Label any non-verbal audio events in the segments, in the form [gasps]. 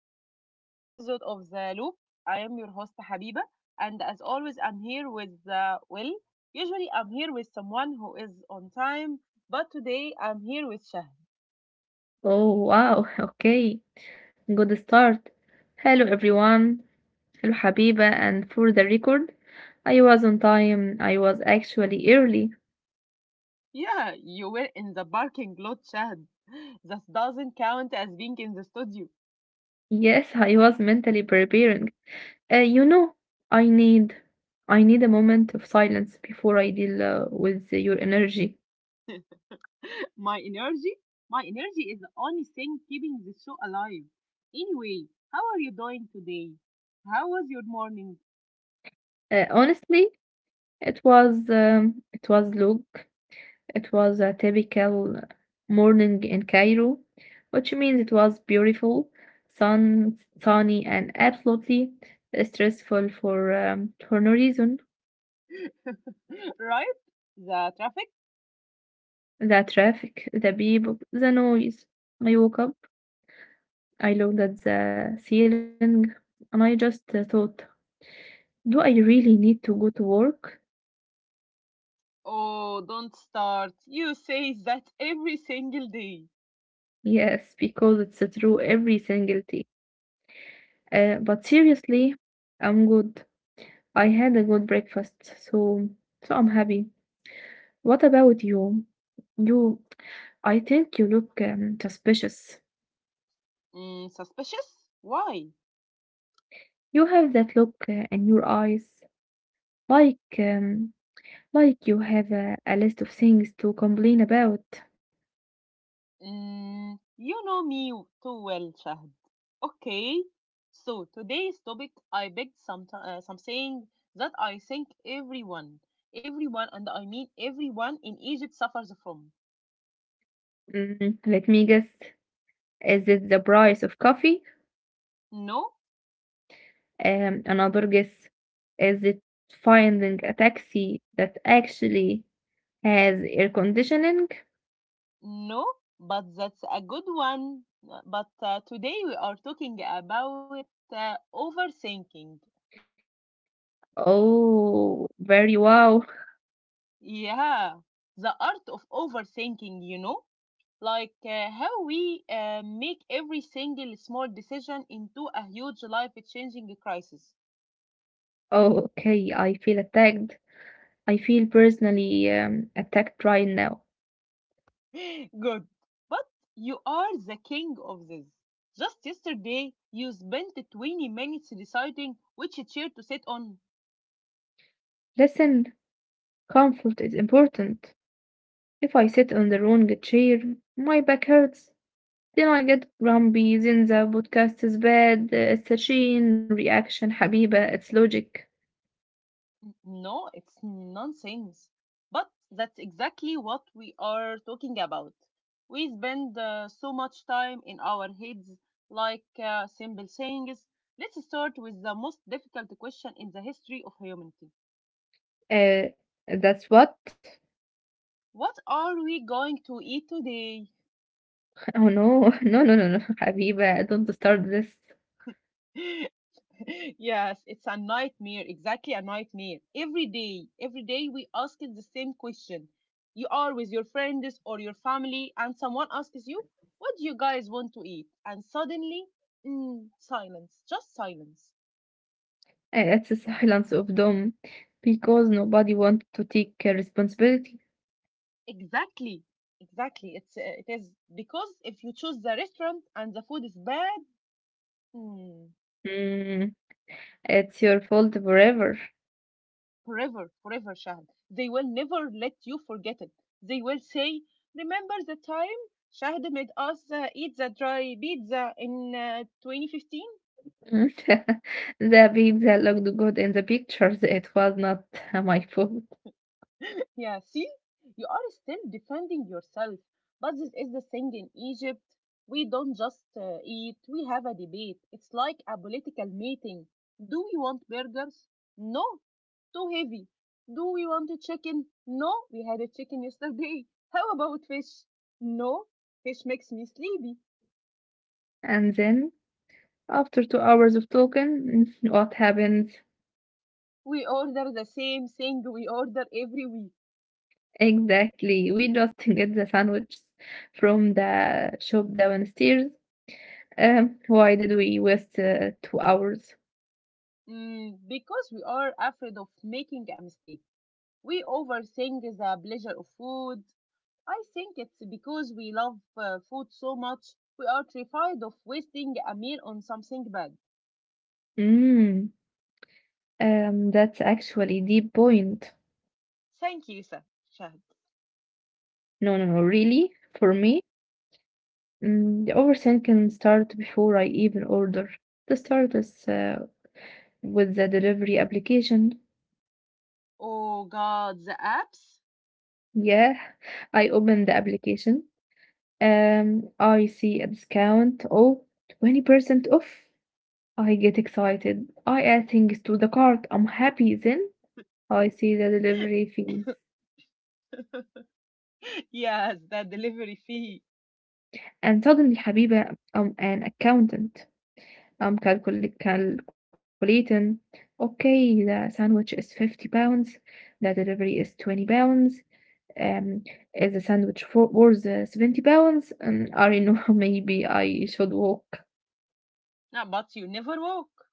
another episode of The Loop. I am your host, Habiba, and as always, I'm here with Will. Usually, I'm here with someone who is on time, but today I'm here with Shahd. Oh wow, [laughs] okay, good start. Hello everyone, hello Habiba, and for the record, I was on time, I was actually early. Yeah, you were in the parking lot, Shahd. That doesn't count as being in the studio. Yes, I was mentally preparing. Uh, you know, I need I need a moment of silence before I deal with your energy. [laughs] My energy? My energy is the only thing keeping the show alive. Anyway, how are you doing today? How was your morning? Honestly, it was Luke. It was a typical morning in Cairo, which means it was beautiful, sunny, and absolutely stressful for no reason. [laughs] Right? The traffic? The traffic, the people, the noise. I woke up. I looked at the ceiling, and I just thought. Do I really need to go to work? Oh, don't start. You say that every single day. Yes, because it's true every single day. But seriously, I'm good. I had a good breakfast, so I'm happy. What about you? You, I think you look suspicious. Mm, suspicious? Why? You have that look in your eyes, like um, like you have a list of things to complain about. Mm, you know me too well, Shahd. Okay. So today's topic, I picked something that I think everyone, and I mean everyone in Egypt suffers from. Mm, let me guess. Is it the price of coffee? No, Another guess, is it finding a taxi that actually has air conditioning? No, but that's a good one. But today we are talking about overthinking. Oh, very wow. Yeah, the art of overthinking, you know, how we make every single small decision into a huge life changing crisis. Oh, okay. I feel attacked. I feel personally attacked right now. [gasps] [laughs] Good. But you are the king of this. Just yesterday, you spent 20 minutes deciding which chair to sit on. Listen, comfort is important. If I sit on the wrong chair, my back hurts. Then I get grumpy. Then the podcast is bad. Sachin, reaction, Habiba, it's logic. No, it's nonsense. But that's exactly what we are talking about. We spend so much time in our heads, simple sayings. Let's start with the most difficult question in the history of humanity. Uh, that's what? What are we going to eat today? Oh no, [laughs] no, no, no, no, [laughs] Habiba, don't start this. [gasps] [laughs] Yes, it's a nightmare, exactly a nightmare. Every day, we ask it the same question. You are with your friends or your family, and someone asks you, what do you guys want to eat? And suddenly, mm, silence, just silence. It's a silence of doom because nobody wants to take responsibility. Exactly, exactly. It is because if you choose the restaurant and the food is bad, mm, Mm, it's your fault forever. Forever, Shahad. They will never let you forget it. They will say, remember the time Shahad made us eat the dry pizza in 2015? Mm. [laughs] The pizza looked good in the pictures. It was not [laughs] my fault. Yeah, see, you are still defending yourself. But this is the thing in Egypt. We don't just eat, we have a debate. It's like a political meeting. Do we want burgers? No, too heavy. Do we want a chicken? No, we had a chicken yesterday. [laughs] How about fish? No, fish makes me sleepy. And then, after 2 hours of talking, [laughs] what happens? We order the same thing we order every week. Exactly, we just [laughs] get the sandwiches from the shop downstairs. Why did we waste 2 hours? Mm, because we are afraid of making a mistake. We overthink the pleasure of food. I think it's because we love food so much, we are terrified of wasting a meal on something bad. Mm, that's actually deep point. Thank you, Shahd. No, no, no, really, for me, mm, the overthink can start before I even order. The start is with the delivery application. Oh God, the apps? Yeah, [laughs] I open the application. I see a discount. Oh, 20% off. I get excited. I add things to the cart. I'm happy then. I see the delivery [laughs] fees. Yes, the delivery fee. And suddenly, Habiba, I'm an accountant. Calculating. Okay, the sandwich is 50 pounds. The delivery is 20 pounds. Um, is the sandwich for worth 70 pounds? I don't know. [laughs] Maybe I should walk. No, but you never walk.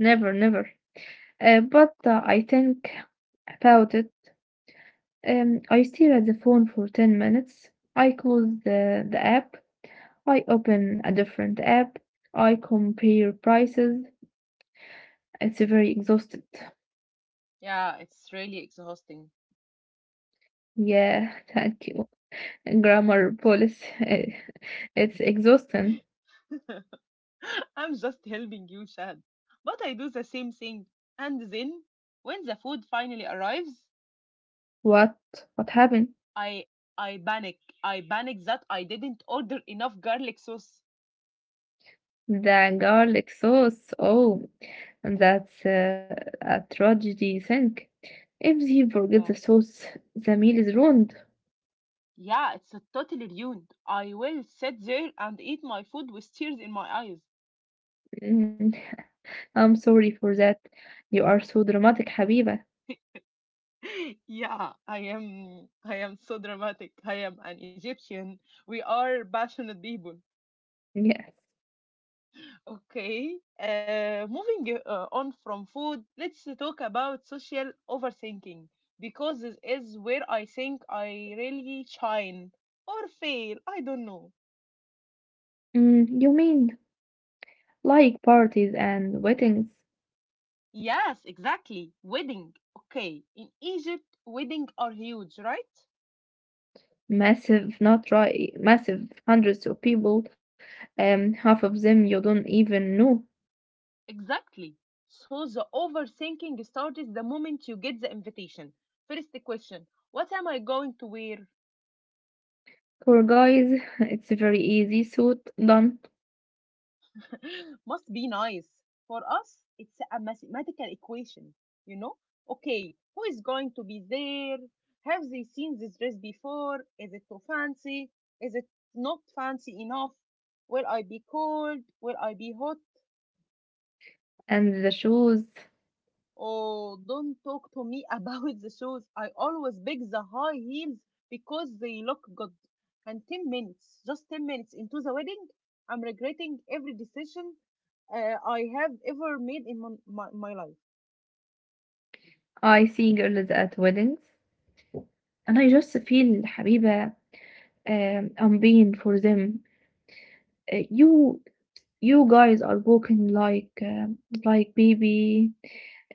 Never, never. But I think about it. I stare at the phone for 10 minutes. I close the app. I open a different app. I compare prices. It's very exhausted. Yeah, it's really exhausting. Yeah, [laughs] thank you, grammar police. [laughs] It's exhausting. [laughs] I'm just helping you, Shahd. But I do the same thing. And then, when the food finally arrives, What what happened? I I panic. I panic that I didn't order enough garlic sauce. The garlic sauce. Oh, that's a tragedy. Think, if they forget Yeah. the sauce, the meal is ruined. Yeah, it's totally ruined. I will sit there and eat my food with tears in my eyes. Mm, I'm sorry for that. You are so dramatic, Habiba. [laughs] Yeah, I am so dramatic. I am an Egyptian. We are passionate people. Yes. Okay. Moving on from food, let's talk about social overthinking because this is where I think I really shine or fail. I don't know. Mm, you mean like parties and weddings? Yes, exactly. Wedding. Okay. In Egypt, wedding are huge, right? Massive, not right. Massive, hundreds of people. Half of them you don't even know. Exactly. So the overthinking starts the moment you get the invitation. First question, what am I going to wear? For guys, [laughs] it's very easy, suit, done, [laughs] Must be nice. For us, it's a mathematical equation. You know? Okay, who is going to be there? Have they seen this dress before? Is it too fancy? Is it not fancy enough? Will I be cold? Will I be hot? and the shoes. Oh, don't talk to me [laughs] about the shoes. I always pick the high heels because they look good. And 10 minutes, just 10 minutes into the wedding, I'm regretting every decision I have ever made in my life. I see girls at weddings, and I just feel حبيبة, I'm being for them. You you guys are walking like baby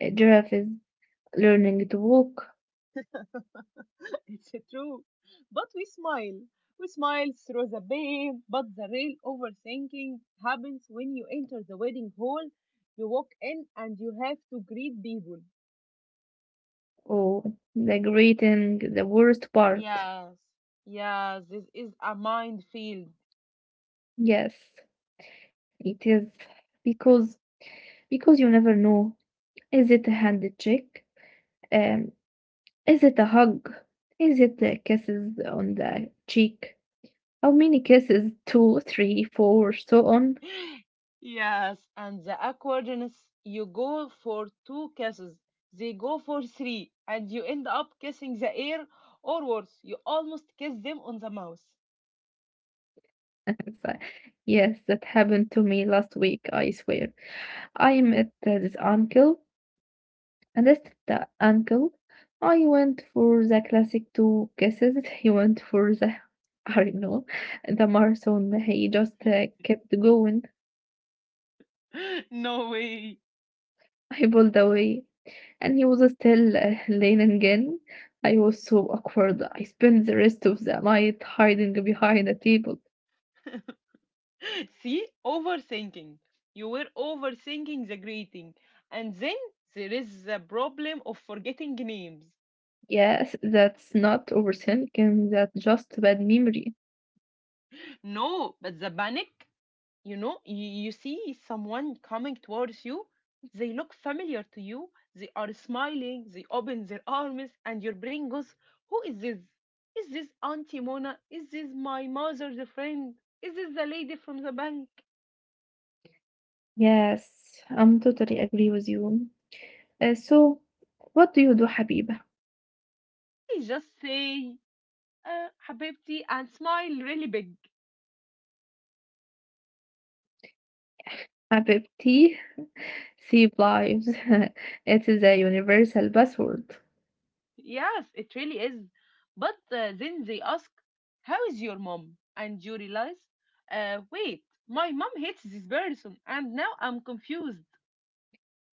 giraffe is learning to walk. [laughs] It's true. But we smile. We smile through the pain, but the real overthinking happens when you enter the wedding hall, you walk in, and you have to greet people. Oh, the greeting, the worst part. Yes. Yes, this is a minefield. Yes, it is because you never know. Is it a hand check? Um, Is it a hug? Is it the kisses on the cheek? How many kisses? Two, three, four, so on. Yes, and the awkwardness, you go for two kisses, they go for three, and you end up kissing the air, or worse, you almost kiss them on the mouth. [gasps] [laughs] So, yes, that happened to me last week, I swear. I met this uncle, and this the uncle. I went for the classic two kisses. [laughs] He went for the, [laughs] I don't know, the marathon. He just kept going. [laughs] No way. I pulled away, and he was still leaning again. I was so awkward. I spent the rest of the night hiding behind a table. [laughs] See, overthinking. You were overthinking the greeting. And then there is the problem of forgetting names. Yes, that's not overthinking, that's just bad memory. No, but the panic, you know, you see someone coming towards you, they look familiar to you, they are smiling, they open their arms and your brain goes, who is this? Is this auntie Mona? Is this my mother's friend? Is this the lady from the bank? Yes, I'm totally agree with you. So, what do you do, Habiba? You just say, habibti, and smile really big. Habibti, save lives. [laughs] It is a universal password. Yes, it really is, but then they ask, how is your mom? And you realize, wait, my mom hates this person and now I'm confused.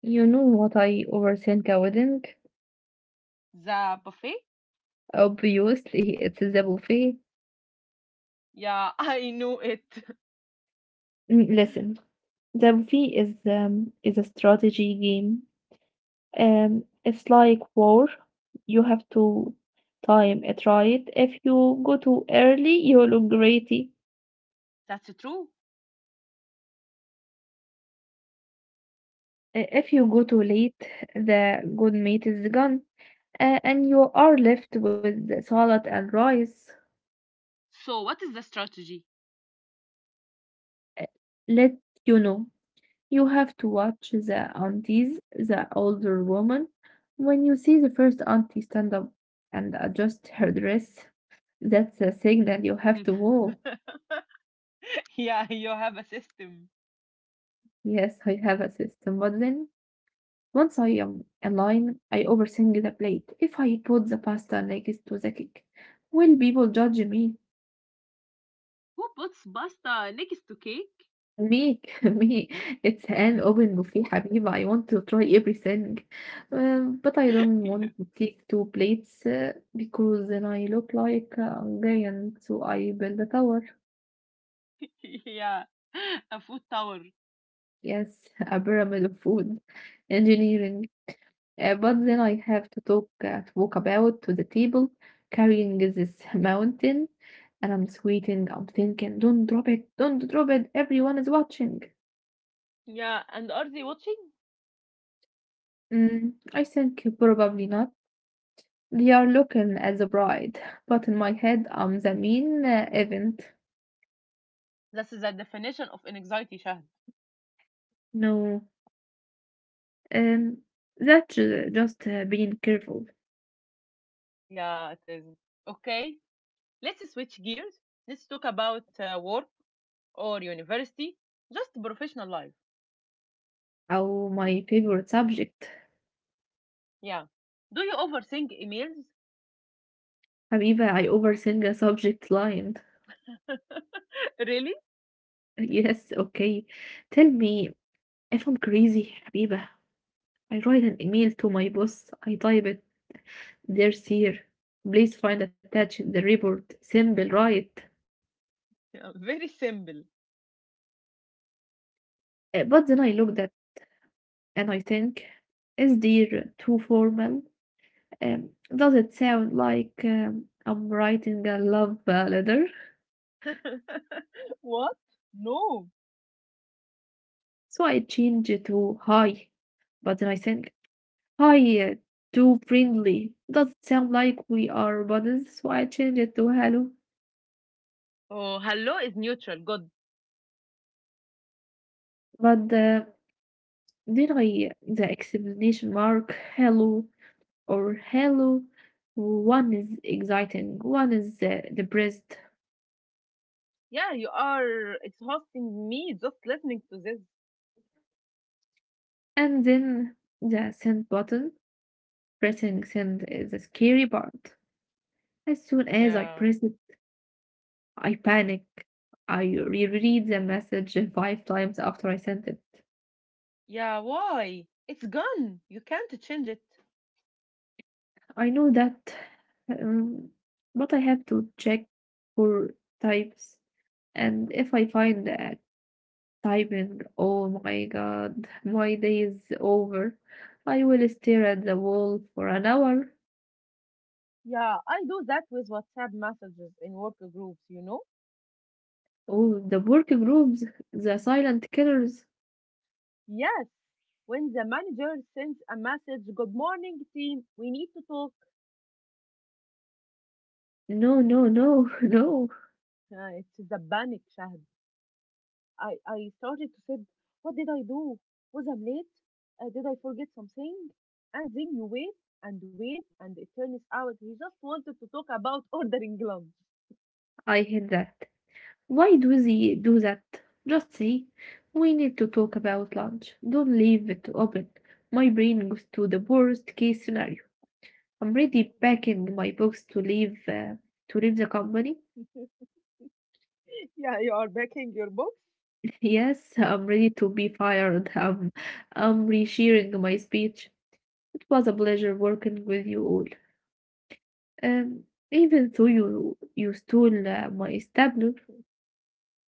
You know what I overthink a wedding? The buffet? Obviously, it's the buffet. Yeah, [laughs] I know it. Mm, listen, the movie is a strategy game. It's like war. You have to time it right. If you go too early, you look greedy. [laughs] That's true. If you go too late, the good meat is gone, and you are left with the salad and rice. So, what is the strategy? Uh, Let You know, you have to watch the aunties, the older woman. When you see the first auntie stand up and adjust her dress, that's a signal you have to [laughs] walk. Yeah, you have a system. Yes, I have a system, but then once I am aligned, I overthink the plate. If I put the pasta next to the cake, will people judge me? Who puts pasta next to cake? Me, [laughs] me. It's an open buffet, حبيبي. I want to try everything, but I [laughs] Yeah. don't want to take two plates because then I look like a giant. So I build a tower. [laughs] Yeah, a food tower. Yes, [laughs] a pyramid of food engineering. But then I have to talk to walk about to the table carrying this [laughs] mountain, and I'm sweating, I'm thinking, don't drop it, everyone is watching. Yeah, and are they watching? Mm, I think probably not. They are looking at the bride, [laughs] but in my head I'm the mean event. This is the definition of anxiety, Shahd. No, um, that's just being careful. Yeah, it is. Okay, let's switch gears. Let's talk about work or university, just professional life. Oh, my favorite subject. Yeah. Do you overthink emails? Habiba, I overthink a subject line. [laughs] [laughs] Really? Yes, okay. Tell me, if I'm crazy, حبيبة, I write an email to my boss. I type it, dear sir, please find attached the report, simple, right? [laughs] Yeah, very simple. But then I looked at, and I think, is dear too formal, um, does it sound like I'm writing a love letter? [laughs] What? No. So I change it to hi, but then I think, hi, uh, too friendly, does it sound like we are buddies? So I change it to hello. Oh, hello is neutral. Good. But then I, the exclamation mark, hello or hello. One is exciting, one is the depressed, Yeah, you are exhausting me just listening to this. and then the send button. Pressing send is the scary part. As soon as I Yeah. press it, I panic. I reread the message five times after I sent it. Yeah, why? It's gone. You can't change it. I know that, um, but I have to check for types, and if I find a typing, oh my god, my day is over. I will stare at the wall for an hour. Yeah, I do that with WhatsApp messages in work groups, you know? Oh, the working rooms, the silent killers. Yes. When the manager sends a message, good morning team, we need to talk. No, no, no, [laughs] no. It's a panic, Shahd. I started to think, what did I do? Was I late? Did I forget something? And then you wait and wait, and it turns out he just wanted to talk about ordering lunch. I hate that. Why do they do that? Just say, we need to talk about lunch. Don't leave it open. My brain goes to the worst case scenario. I'm ready packing my books to leave the company. [laughs] Yeah, you are backing your box. Yes, I'm ready to be fired. I'm resharing my speech. It was a pleasure working with you all. Um, even though you stole my stabler.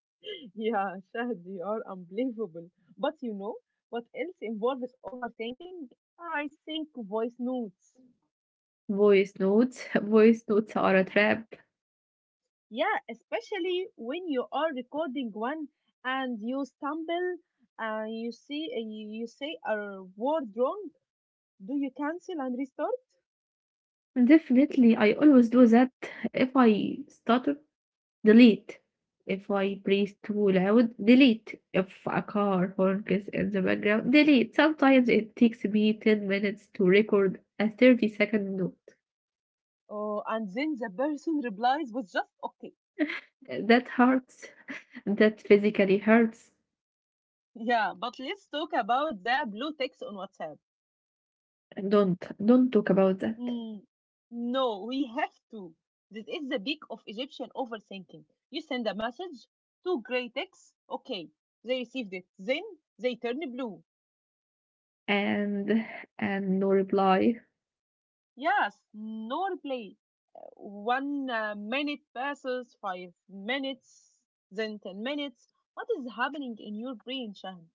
[laughs] Yeah, Shahd, you are unbelievable. But you know what else involves overthinking? I think voice notes. Voice notes, [laughs] voice notes are a trap. Yeah, especially when you are recording one and you stumble and you say a word wrong. Do you cancel and restart? Definitely, I always do that. If I stutter, delete. If I breathe too loud, delete. If a car honk is in the background, delete. Sometimes it takes me 10 minutes to record a 30-second note. Oh, and then the person replies with just okay. That hurts. That physically hurts. Yeah, but let's talk about the blue text on WhatsApp. Don't talk about that. Hmm, no, we have to. This is the peak of Egyptian overthinking. You send a message, two gray texts, okay. They received it. Then they turn blue. And and no reply. Yes, no reply. One minute passes, 5 minutes, then 10 minutes. What is happening in your brain, Shaham?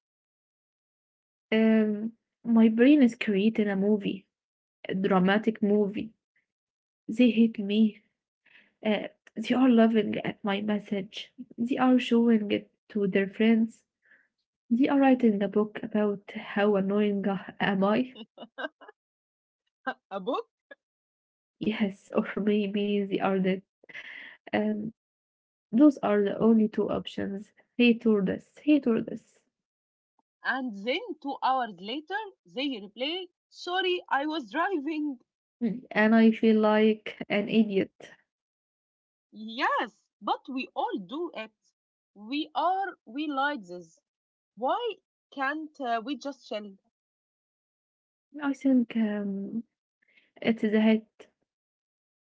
Um, my brain is creating a movie, a dramatic movie. They hate me. Uh, they are laughing at my message. They are showing it to their friends. They are writing a book about how annoying I- am I. A book, Yes, [laughs] or maybe they are dead. Um, those are the only two options. Hate or this. Hate or this. and then 2 hours later, they replay, sorry, I was driving. Mm, and I feel like an idiot. Yes, but we all do it. We like this. Why can't we just chill? I think it is a hit.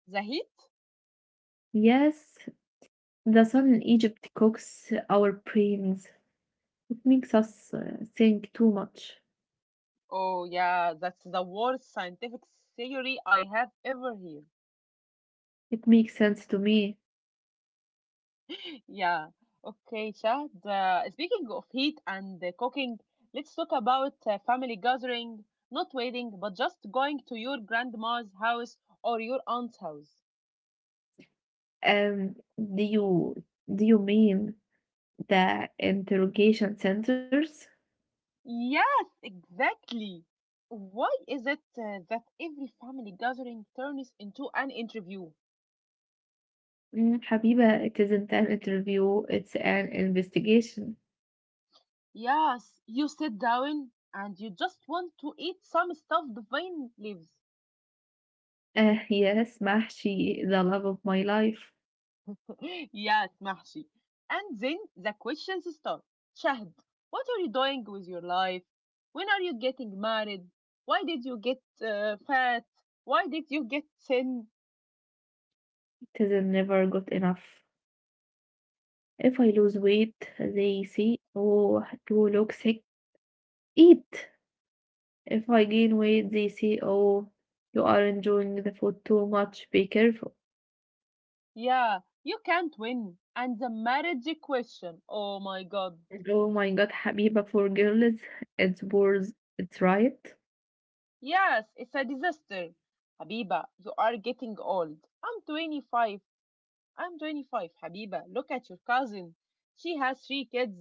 The heat? Yes, the sun in Egypt cooks our brains. It makes us think too much. Oh, yeah, that's the worst scientific theory I have ever heard. It makes sense to me. Yeah. Okay, Shahd. Speaking of heat and cooking, let's talk about family gathering, not wedding, but just going to your grandma's house or your aunt's house. Um, do you do you mean the interrogation centers? Yes, exactly. Why is it that every family gathering turns into an interview? Mm, Habiba, it isn't an interview. It's an investigation. Yes, you sit down and you just want to eat some stuffed vine leaves. Yes, Mahshi, the love of my life. Yes, Mahshi. And then the questions start. Shahd, what are you doing with your life? When are you getting married? Why did you get fat? Why did you get thin? It is never good enough. If I lose weight, they say, "Oh, you look sick, eat." If I gain weight, they say, "Oh, you are enjoying the food too much, be careful." Yeah, you can't win. And the marriage question. Oh my god. And oh my God, Habiba, for girls, it's worse. It's right. Yes, it's a disaster. Habiba, you are getting old. I'm 25. I'm 25, Habiba. Look at your cousin. She has 3 kids.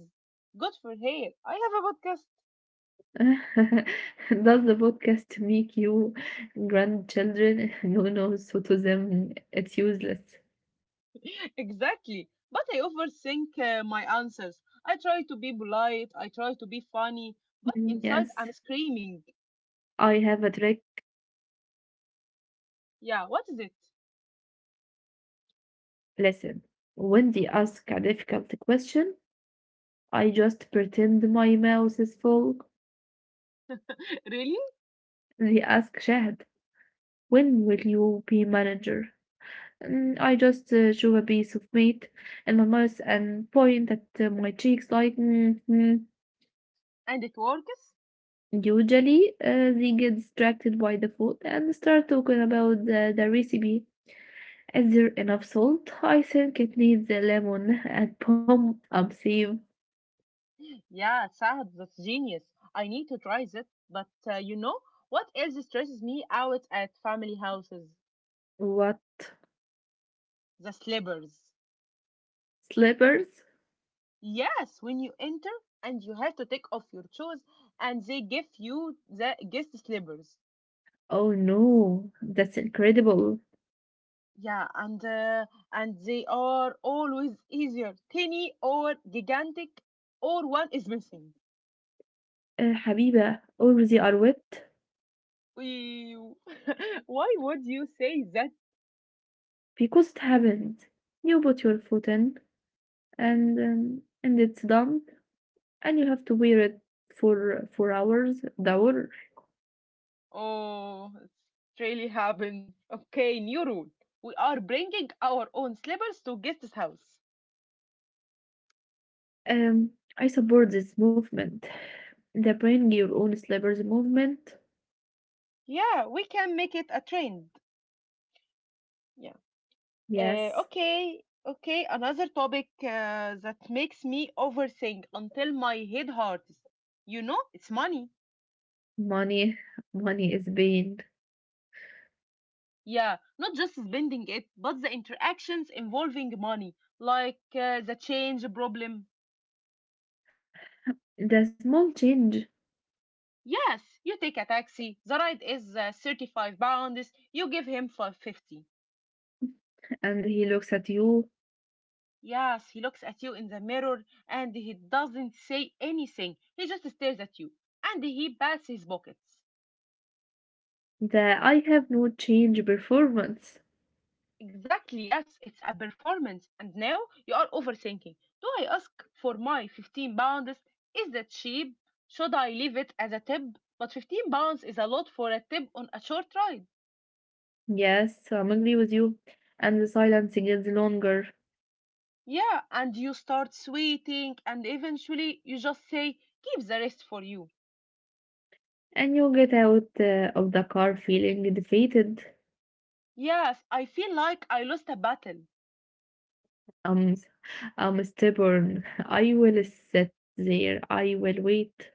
Good for her. I have a podcast. [laughs] Does the podcast make you grandchildren? [laughs] No, no, so to them, it's useless. [laughs] Exactly. But I overthink my answers. I try to be polite, I try to be funny, but Mm, inside yes, I'm screaming. I have a trick. Yeah, what is it? Listen, when they ask a difficult question, I just pretend my mouth is full. [laughs] Really? They ask Shahad, when will you be manager? And I just shove a piece of meat in my mouth and point at my cheeks like, mm, mm." And it works? Usually, they get distracted by the food and start talking about the recipe. Is there enough salt? I think it needs a lemon and boom, I'm saved. Yeah, Sahab, that's genius. I need to try that. But you know what else stresses me out at family houses? What? The slippers. Slippers? Yes, when you enter and you have to take off your shoes and they give you the guest slippers. Oh no, that's incredible. Yeah, and they are always either tiny or gigantic, or one is missing. Habiba, always you are wet, Ew. [laughs] Why would you say that? because it happened. You put your foot in, and it's done, and you have to wear it for hours, hour. Oh, it's really happened. Okay, new rule. We are bringing our own slippers to guest's house. Um, I support this movement, the bring your own slippers movement. Yeah, we can make it a trend. Yeah. Yes, Okay, okay. Another topic that makes me overthink until my head hurts. You know, it's money. money, money is being Yeah, not just spending it, but the interactions involving money, the change problem. the small change. Yes, you take a taxi. The ride is 35 pounds. You give him 550. And he looks at you. Yes, he looks at you in the mirror and he doesn't say anything. He just stares at you and he pats his pockets. The I have no change performance. Exactly, yes, it's a performance. And now you are overthinking. Do I ask for my 15 pounds? Is that cheap? Should I leave it as a tip? But 15 pounds is a lot for a tip on a short ride. Yes, I'm agree with you. And the silence gets longer, Yeah, and you start sweating, and eventually you just say, keep the rest for you. and you get out of the car feeling defeated. Yes, I feel like I lost a battle. I'm, I'm stubborn. I will sit there. I will wait.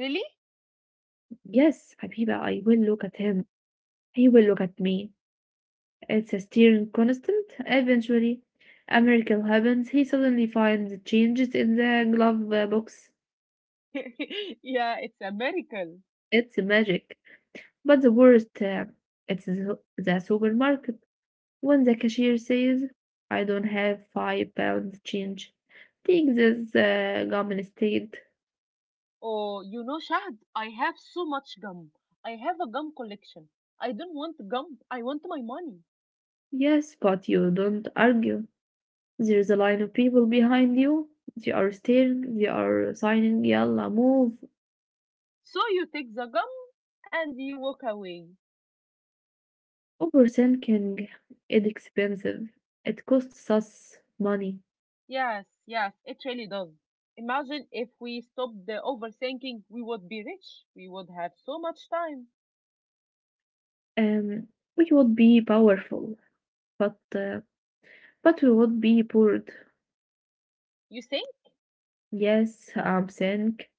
Really? Yes, Habiba, I will look at him. He will look at me. It's a steering constant. Eventually, a miracle happens. He suddenly finds changes in the glove box. [laughs] Yeah, it's a miracle. It's magic. But the worst, it's the supermarket. When the cashier says, I don't have 5 pounds change, take this gum instead. Oh, you know, Shahd, I have so much gum. I have a gum collection. I don't want gum, I want my money. Yes, but you don't argue. There's a line of people behind you. They are staring, they are signing, yalla, move. So you take the gum and you walk away. Overthinking is expensive. It costs us money. Yes, yes, it really does. Imagine if we stopped the overthinking, we would be rich. We would have so much time. Um, we would be powerful, but uh, but we would be bored. You think? Yes, I'm think.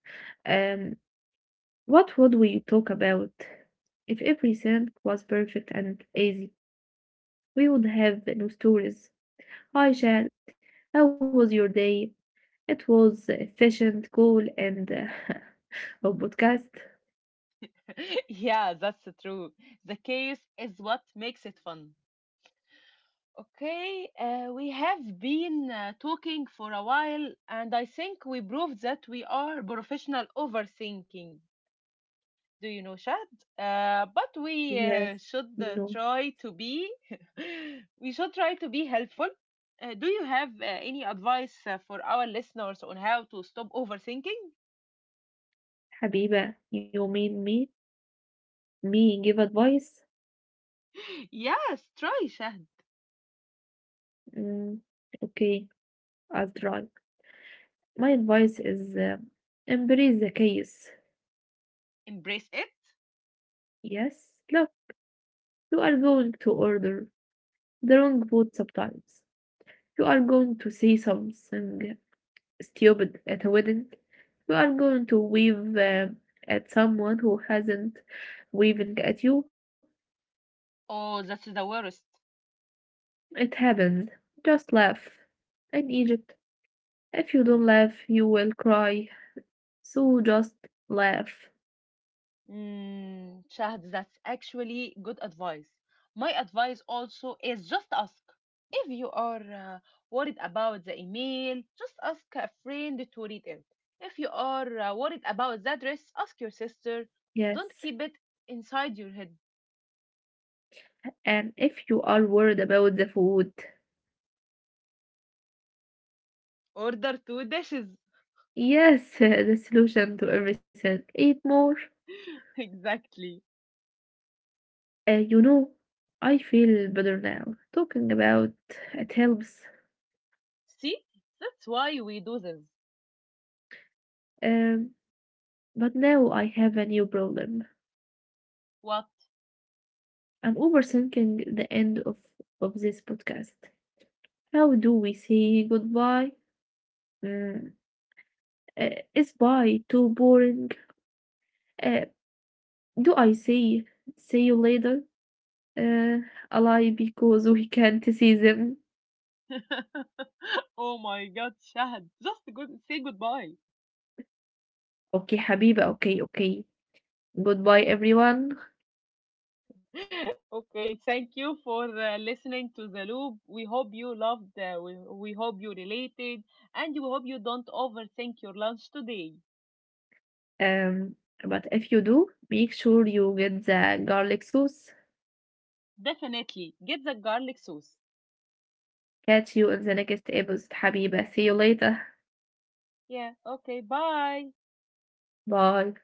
Um, What would we talk about? If every sand was perfect and easy, we would have no stories. Hi, Chad. How was your day? It was efficient, cool, and [laughs] a podcast. [laughs] Yeah, that's true. The chaos is what makes it fun. Okay, we have been talking for a while, and I think we proved that we are professional overthinking. Do you know, Shad? But we uh, Yes. should uh, No. try to be. [laughs] We should try to be helpful. Do you have any advice for our listeners on how to stop overthinking? Habiba, you mean me? Me give advice? [laughs] Yes, try, Shad. Mm, okay, I'll try. My advice is embrace the chaos. Embrace it. Yes? Look, you are going to order the wrong food sometimes. You are going to say something stupid at a wedding. You are going to wave at someone who hasn't waving at you. Oh, that's the worst. It happens. Just laugh. In Egypt, if you don't laugh, you will cry. So just laugh. Mm, Shahd, that's actually good advice. My advice also is just ask. If you are worried about the email, just ask a friend to read it. If you are worried about the address, ask your sister. Don't Yes. keep it inside your head. And if you are worried about the food, Order two dishes. [laughs] yes, [laughs] the solution to everything. Eat more. Exactly. Uh, you know, I feel better now. Talking about it helps. See, that's why we do this. Um, But now I have a new problem. What? I'm overthinking the end of this podcast. How do we say goodbye? Mm, uh, is bye too boring? Uh, do I say see you later? Uh, a lie because we can't see them. [laughs] Oh my God, Shahd, just good, say goodbye. Okay, Habiba, okay, okay. Goodbye, everyone. [laughs] Okay, thank you for listening to The Loop. We hope you loved, we hope you related, and we hope you don't overthink your lunch today. Um, but if you do, make sure you get the garlic sauce. Definitely, get the garlic sauce. Catch you in the next episode, Habiba. See you later. Yeah, okay, bye. Bye.